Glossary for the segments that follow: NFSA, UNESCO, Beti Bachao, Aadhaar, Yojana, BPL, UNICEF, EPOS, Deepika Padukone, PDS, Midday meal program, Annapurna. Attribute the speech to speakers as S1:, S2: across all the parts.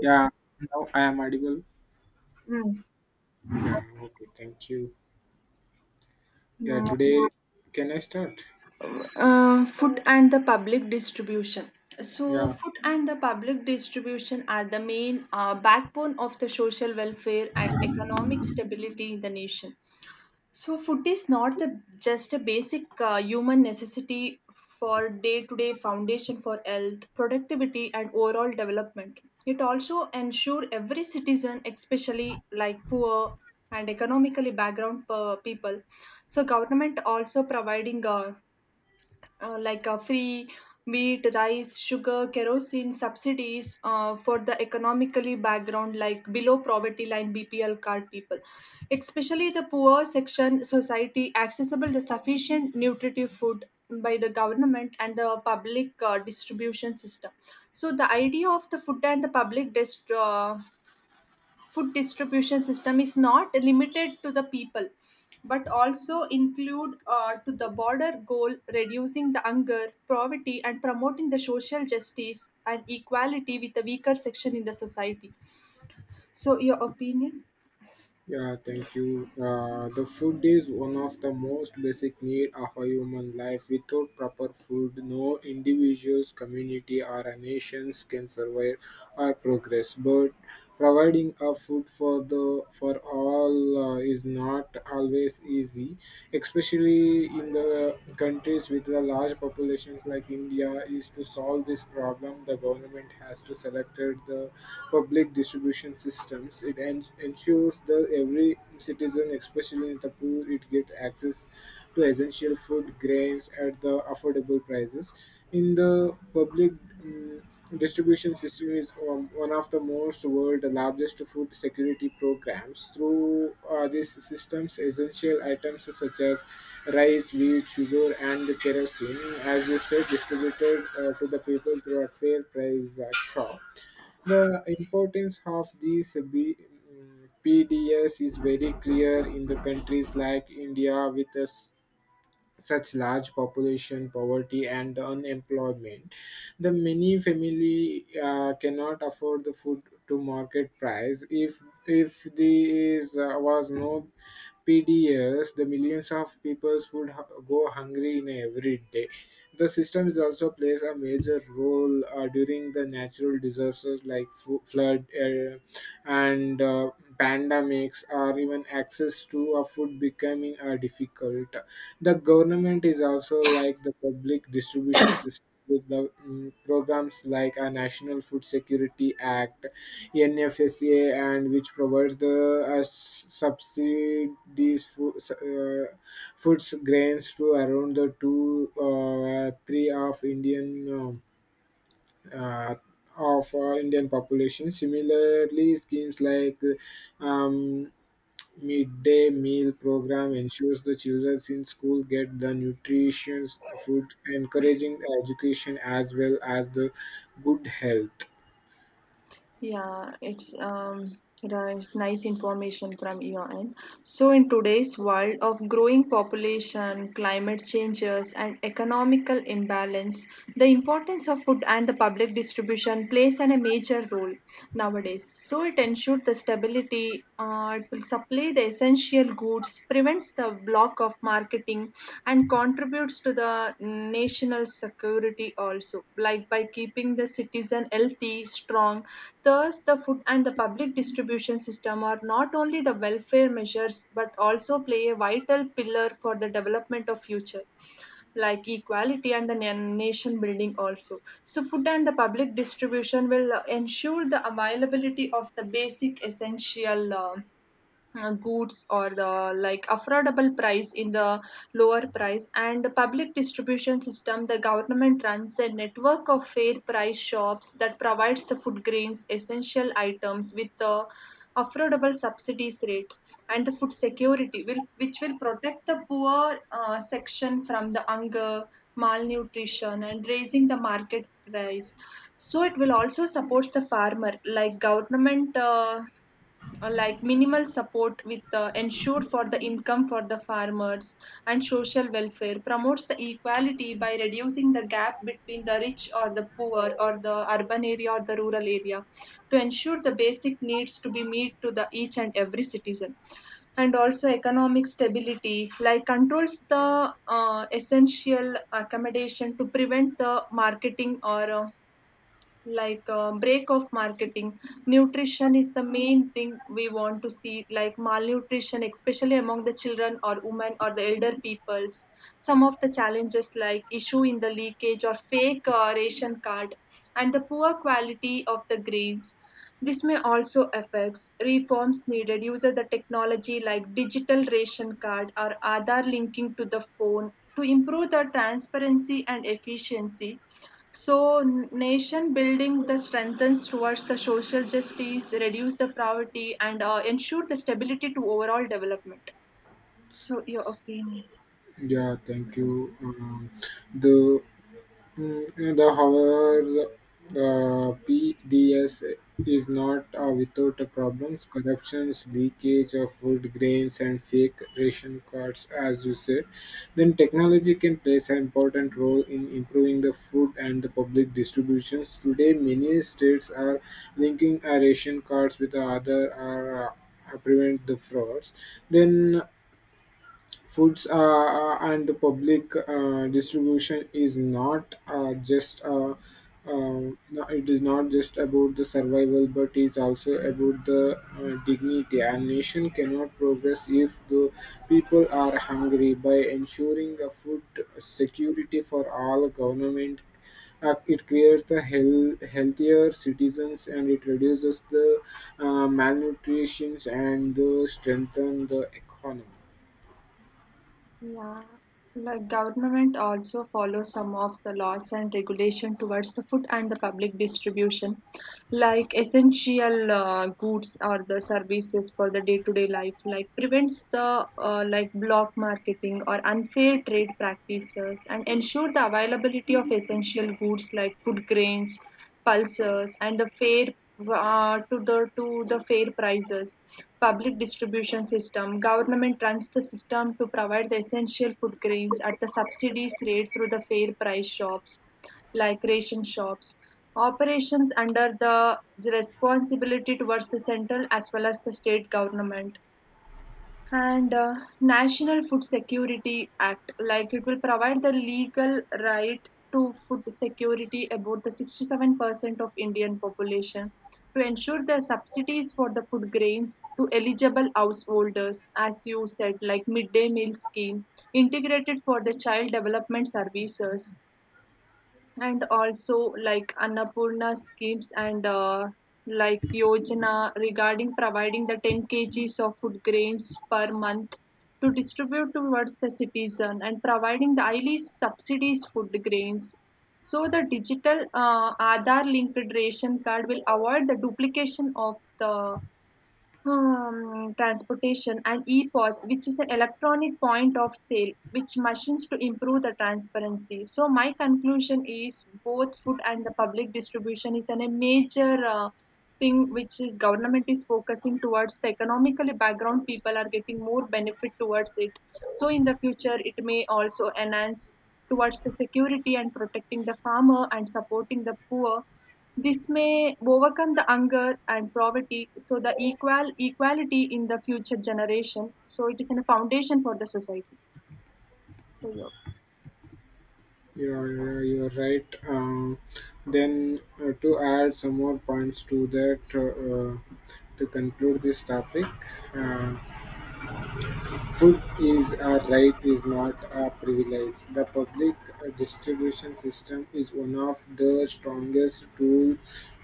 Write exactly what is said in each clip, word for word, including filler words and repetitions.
S1: Yeah, now I am audible.
S2: Mm.
S1: Yeah, okay, thank you. Yeah,
S2: Mm.
S1: today, can I start?
S2: Uh, food and the public distribution. So,
S1: Yeah,
S2: food and the public distribution are the main uh, backbone of the social welfare and economic stability in the nation. So, food is not the, just a basic uh, human necessity for day to day foundation for health, productivity, and overall development. It also ensures every citizen, especially like poor and economically background per people. So, government also providing uh, uh, like uh, free meat, rice, sugar, kerosene subsidies uh, for the economically background, like below poverty line B P L card people, especially the poor section society, accessible the sufficient nutritive food by the government and the public uh, distribution system. So the idea of the food and the public dist- uh, food distribution system is not limited to the people but also include uh, to the broader goal reducing the hunger poverty and promoting the social justice and equality with the weaker section in the society, so your opinion.
S1: yeah, thank you. Uh, the food is one of the most basic need of a human life. Without proper food, no individuals, community, or a nations can survive or progress. But providing a food for the for all uh, is not always easy, especially in the countries with the large populations like India. Is to solve this problem, the government has to select the public distribution and systems. It en- ensures that every citizen, especially the poor, it get access to essential food grains at the affordable prices. In the public um, distribution system is um, one of the most world largest food security programs. Through uh, these systems, essential items such as rice, wheat, sugar, and kerosene, as you said, distributed uh, to the people through a fair price uh, shop. The importance of these B, P D S is very clear in the countries like India with us such large population, poverty, and the unemployment. The many family uh, cannot afford the food to market price. If if there is, uh, was no P D S, the millions of peoples would ha- go hungry in every day. The system is also plays a major role uh, during the natural disasters like fo- flood uh, and uh, pandemics, or even access to a food becoming uh, difficult. The government is also like the public distribution system with the mm, programs like a National Food Security Act, N F S A, and which provides the uh, s- subsidies for uh, foods grains to around the two uh, three of Indian. um uh, of uh, Indian population. Similarly, schemes like um, Midday meal program ensures the children in school get the nutritious food, encouraging education as well as the good health.
S2: Yeah, it's um, you know, it's nice information from your end. So, in today's world of growing population, climate changes, and economical imbalance, the importance of food and the public distribution plays an, a major role nowadays. So, it ensures the stability. Uh, it will supply the essential goods, prevents the block of marketing, and contributes to the national security also, like by keeping the citizen healthy, strong. Thus the food and the public distribution system are not only the welfare measures but also play a vital pillar for the development of future like equality and the na- nation building also. So food and the public distribution will uh, ensure the availability of the basic essential uh, uh, goods or the like affordable price in the lower price. And the public distribution system, the government runs a network of fair price shops that provides the food grains essential items with the affordable subsidies rate. And the food security will, which will protect the poor uh, section from the hunger, malnutrition, and raising the market price. So it will also support the farmer, like government uh, uh, like minimal support with uh, ensure for the income for the farmers. And social welfare promotes the equality by reducing the gap between the rich or the poor or the urban area or the rural area, to ensure the basic needs to be meet to the each and every citizen. And also economic stability, like controls the uh, essential accommodation to prevent the marketing or uh, like uh, break of marketing. Nutrition is the main thing we want to see, like malnutrition, especially among the children or women or the elder peoples. Some of the challenges like issue in the leakage or fake uh, ration card and the poor quality of the grains, this may also affects. Reforms needed using the technology like digital ration card or Aadhaar linking to the phone, to improve the transparency and efficiency. So, n- nation building that strengthens towards the social justice, reduce the poverty, and uh, ensure the stability to overall development. So, your opinion.
S1: Yeah, thank you. Um, the Mm, The, however, the P D S is not uh, without the problems, corruptions, leakage of food grains, and fake ration cards, as you said. Then technology can play an important role in improving the food and the public distributions. Today, many states are linking uh, ration cards with the other. Uh, uh, prevent the frauds then Foods uh, uh, and the public uh, distribution is not uh, just uh, uh, no, it is not just about the survival, but is also about the uh, dignity. A nation cannot progress if the people are hungry. By ensuring a food security for all, government uh, it creates the health, healthier citizens and it reduces the uh, malnutrition and the strengthen the economy.
S2: Yeah, the government also follows some of the laws and regulation towards the food and the public distribution, like essential uh, goods or the services for the day-to-day life, like prevents the uh, like block marketing or unfair trade practices and ensure the availability of essential goods like food grains, pulses, and the fair uh, to the to the fair prices. Public distribution system, government runs the system to provide the essential food grains at the subsidies rate through the fair price shops like ration shops, operations under the responsibility towards the central as well as the state government. And uh, national food security act, like it will provide the legal right to food security about the sixty-seven percent of indian population, to ensure the subsidies for the food grains to eligible householders, as you said, like midday meal scheme, integrated for the child development services. And also like Annapurna schemes and uh, like Yojana regarding providing the ten kgs of food grains per month to distribute towards the citizen and providing the highly subsidies food grains. So the digital uh, Aadhaar linked ration card will avoid the duplication of the um, transportation and E POS, which is an electronic point of sale, which machines to improve the transparency. So my conclusion is both food and the public distribution is an, a major uh, thing which is government is focusing towards. The economically background people are getting more benefit towards it. So in the future, it may also enhance towards the security and protecting the farmer and supporting the poor. This may overcome the hunger and poverty, so the equal equality in the future generation. So it is in a foundation for the society. So yeah,
S1: Yeah, yeah, you're right. Um, then, uh, to add some more points to that, uh, uh, to conclude this topic, uh, food is a right, is not a privilege. The public uh, distribution system is one of the strongest tool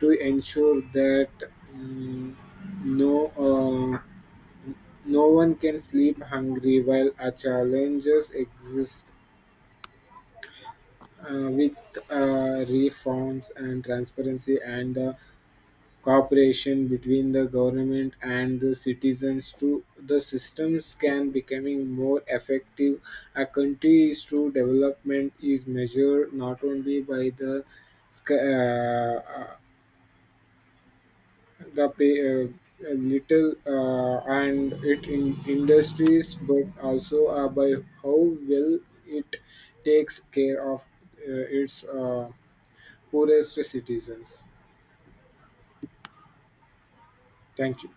S1: to ensure that um, no. Uh, no one can sleep hungry while our challenges exist uh, with uh, reforms and transparency and the cooperation between the government and the citizens to the systems can becoming more effective. A country's true development is measured not only by the sc- uh, uh, the pay, uh, little uh, and it in industries but also uh, by how well it takes care of uh, its uh, poorest citizens. Thank you.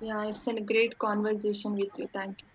S2: yeah, it's a great conversation with you. Thank you.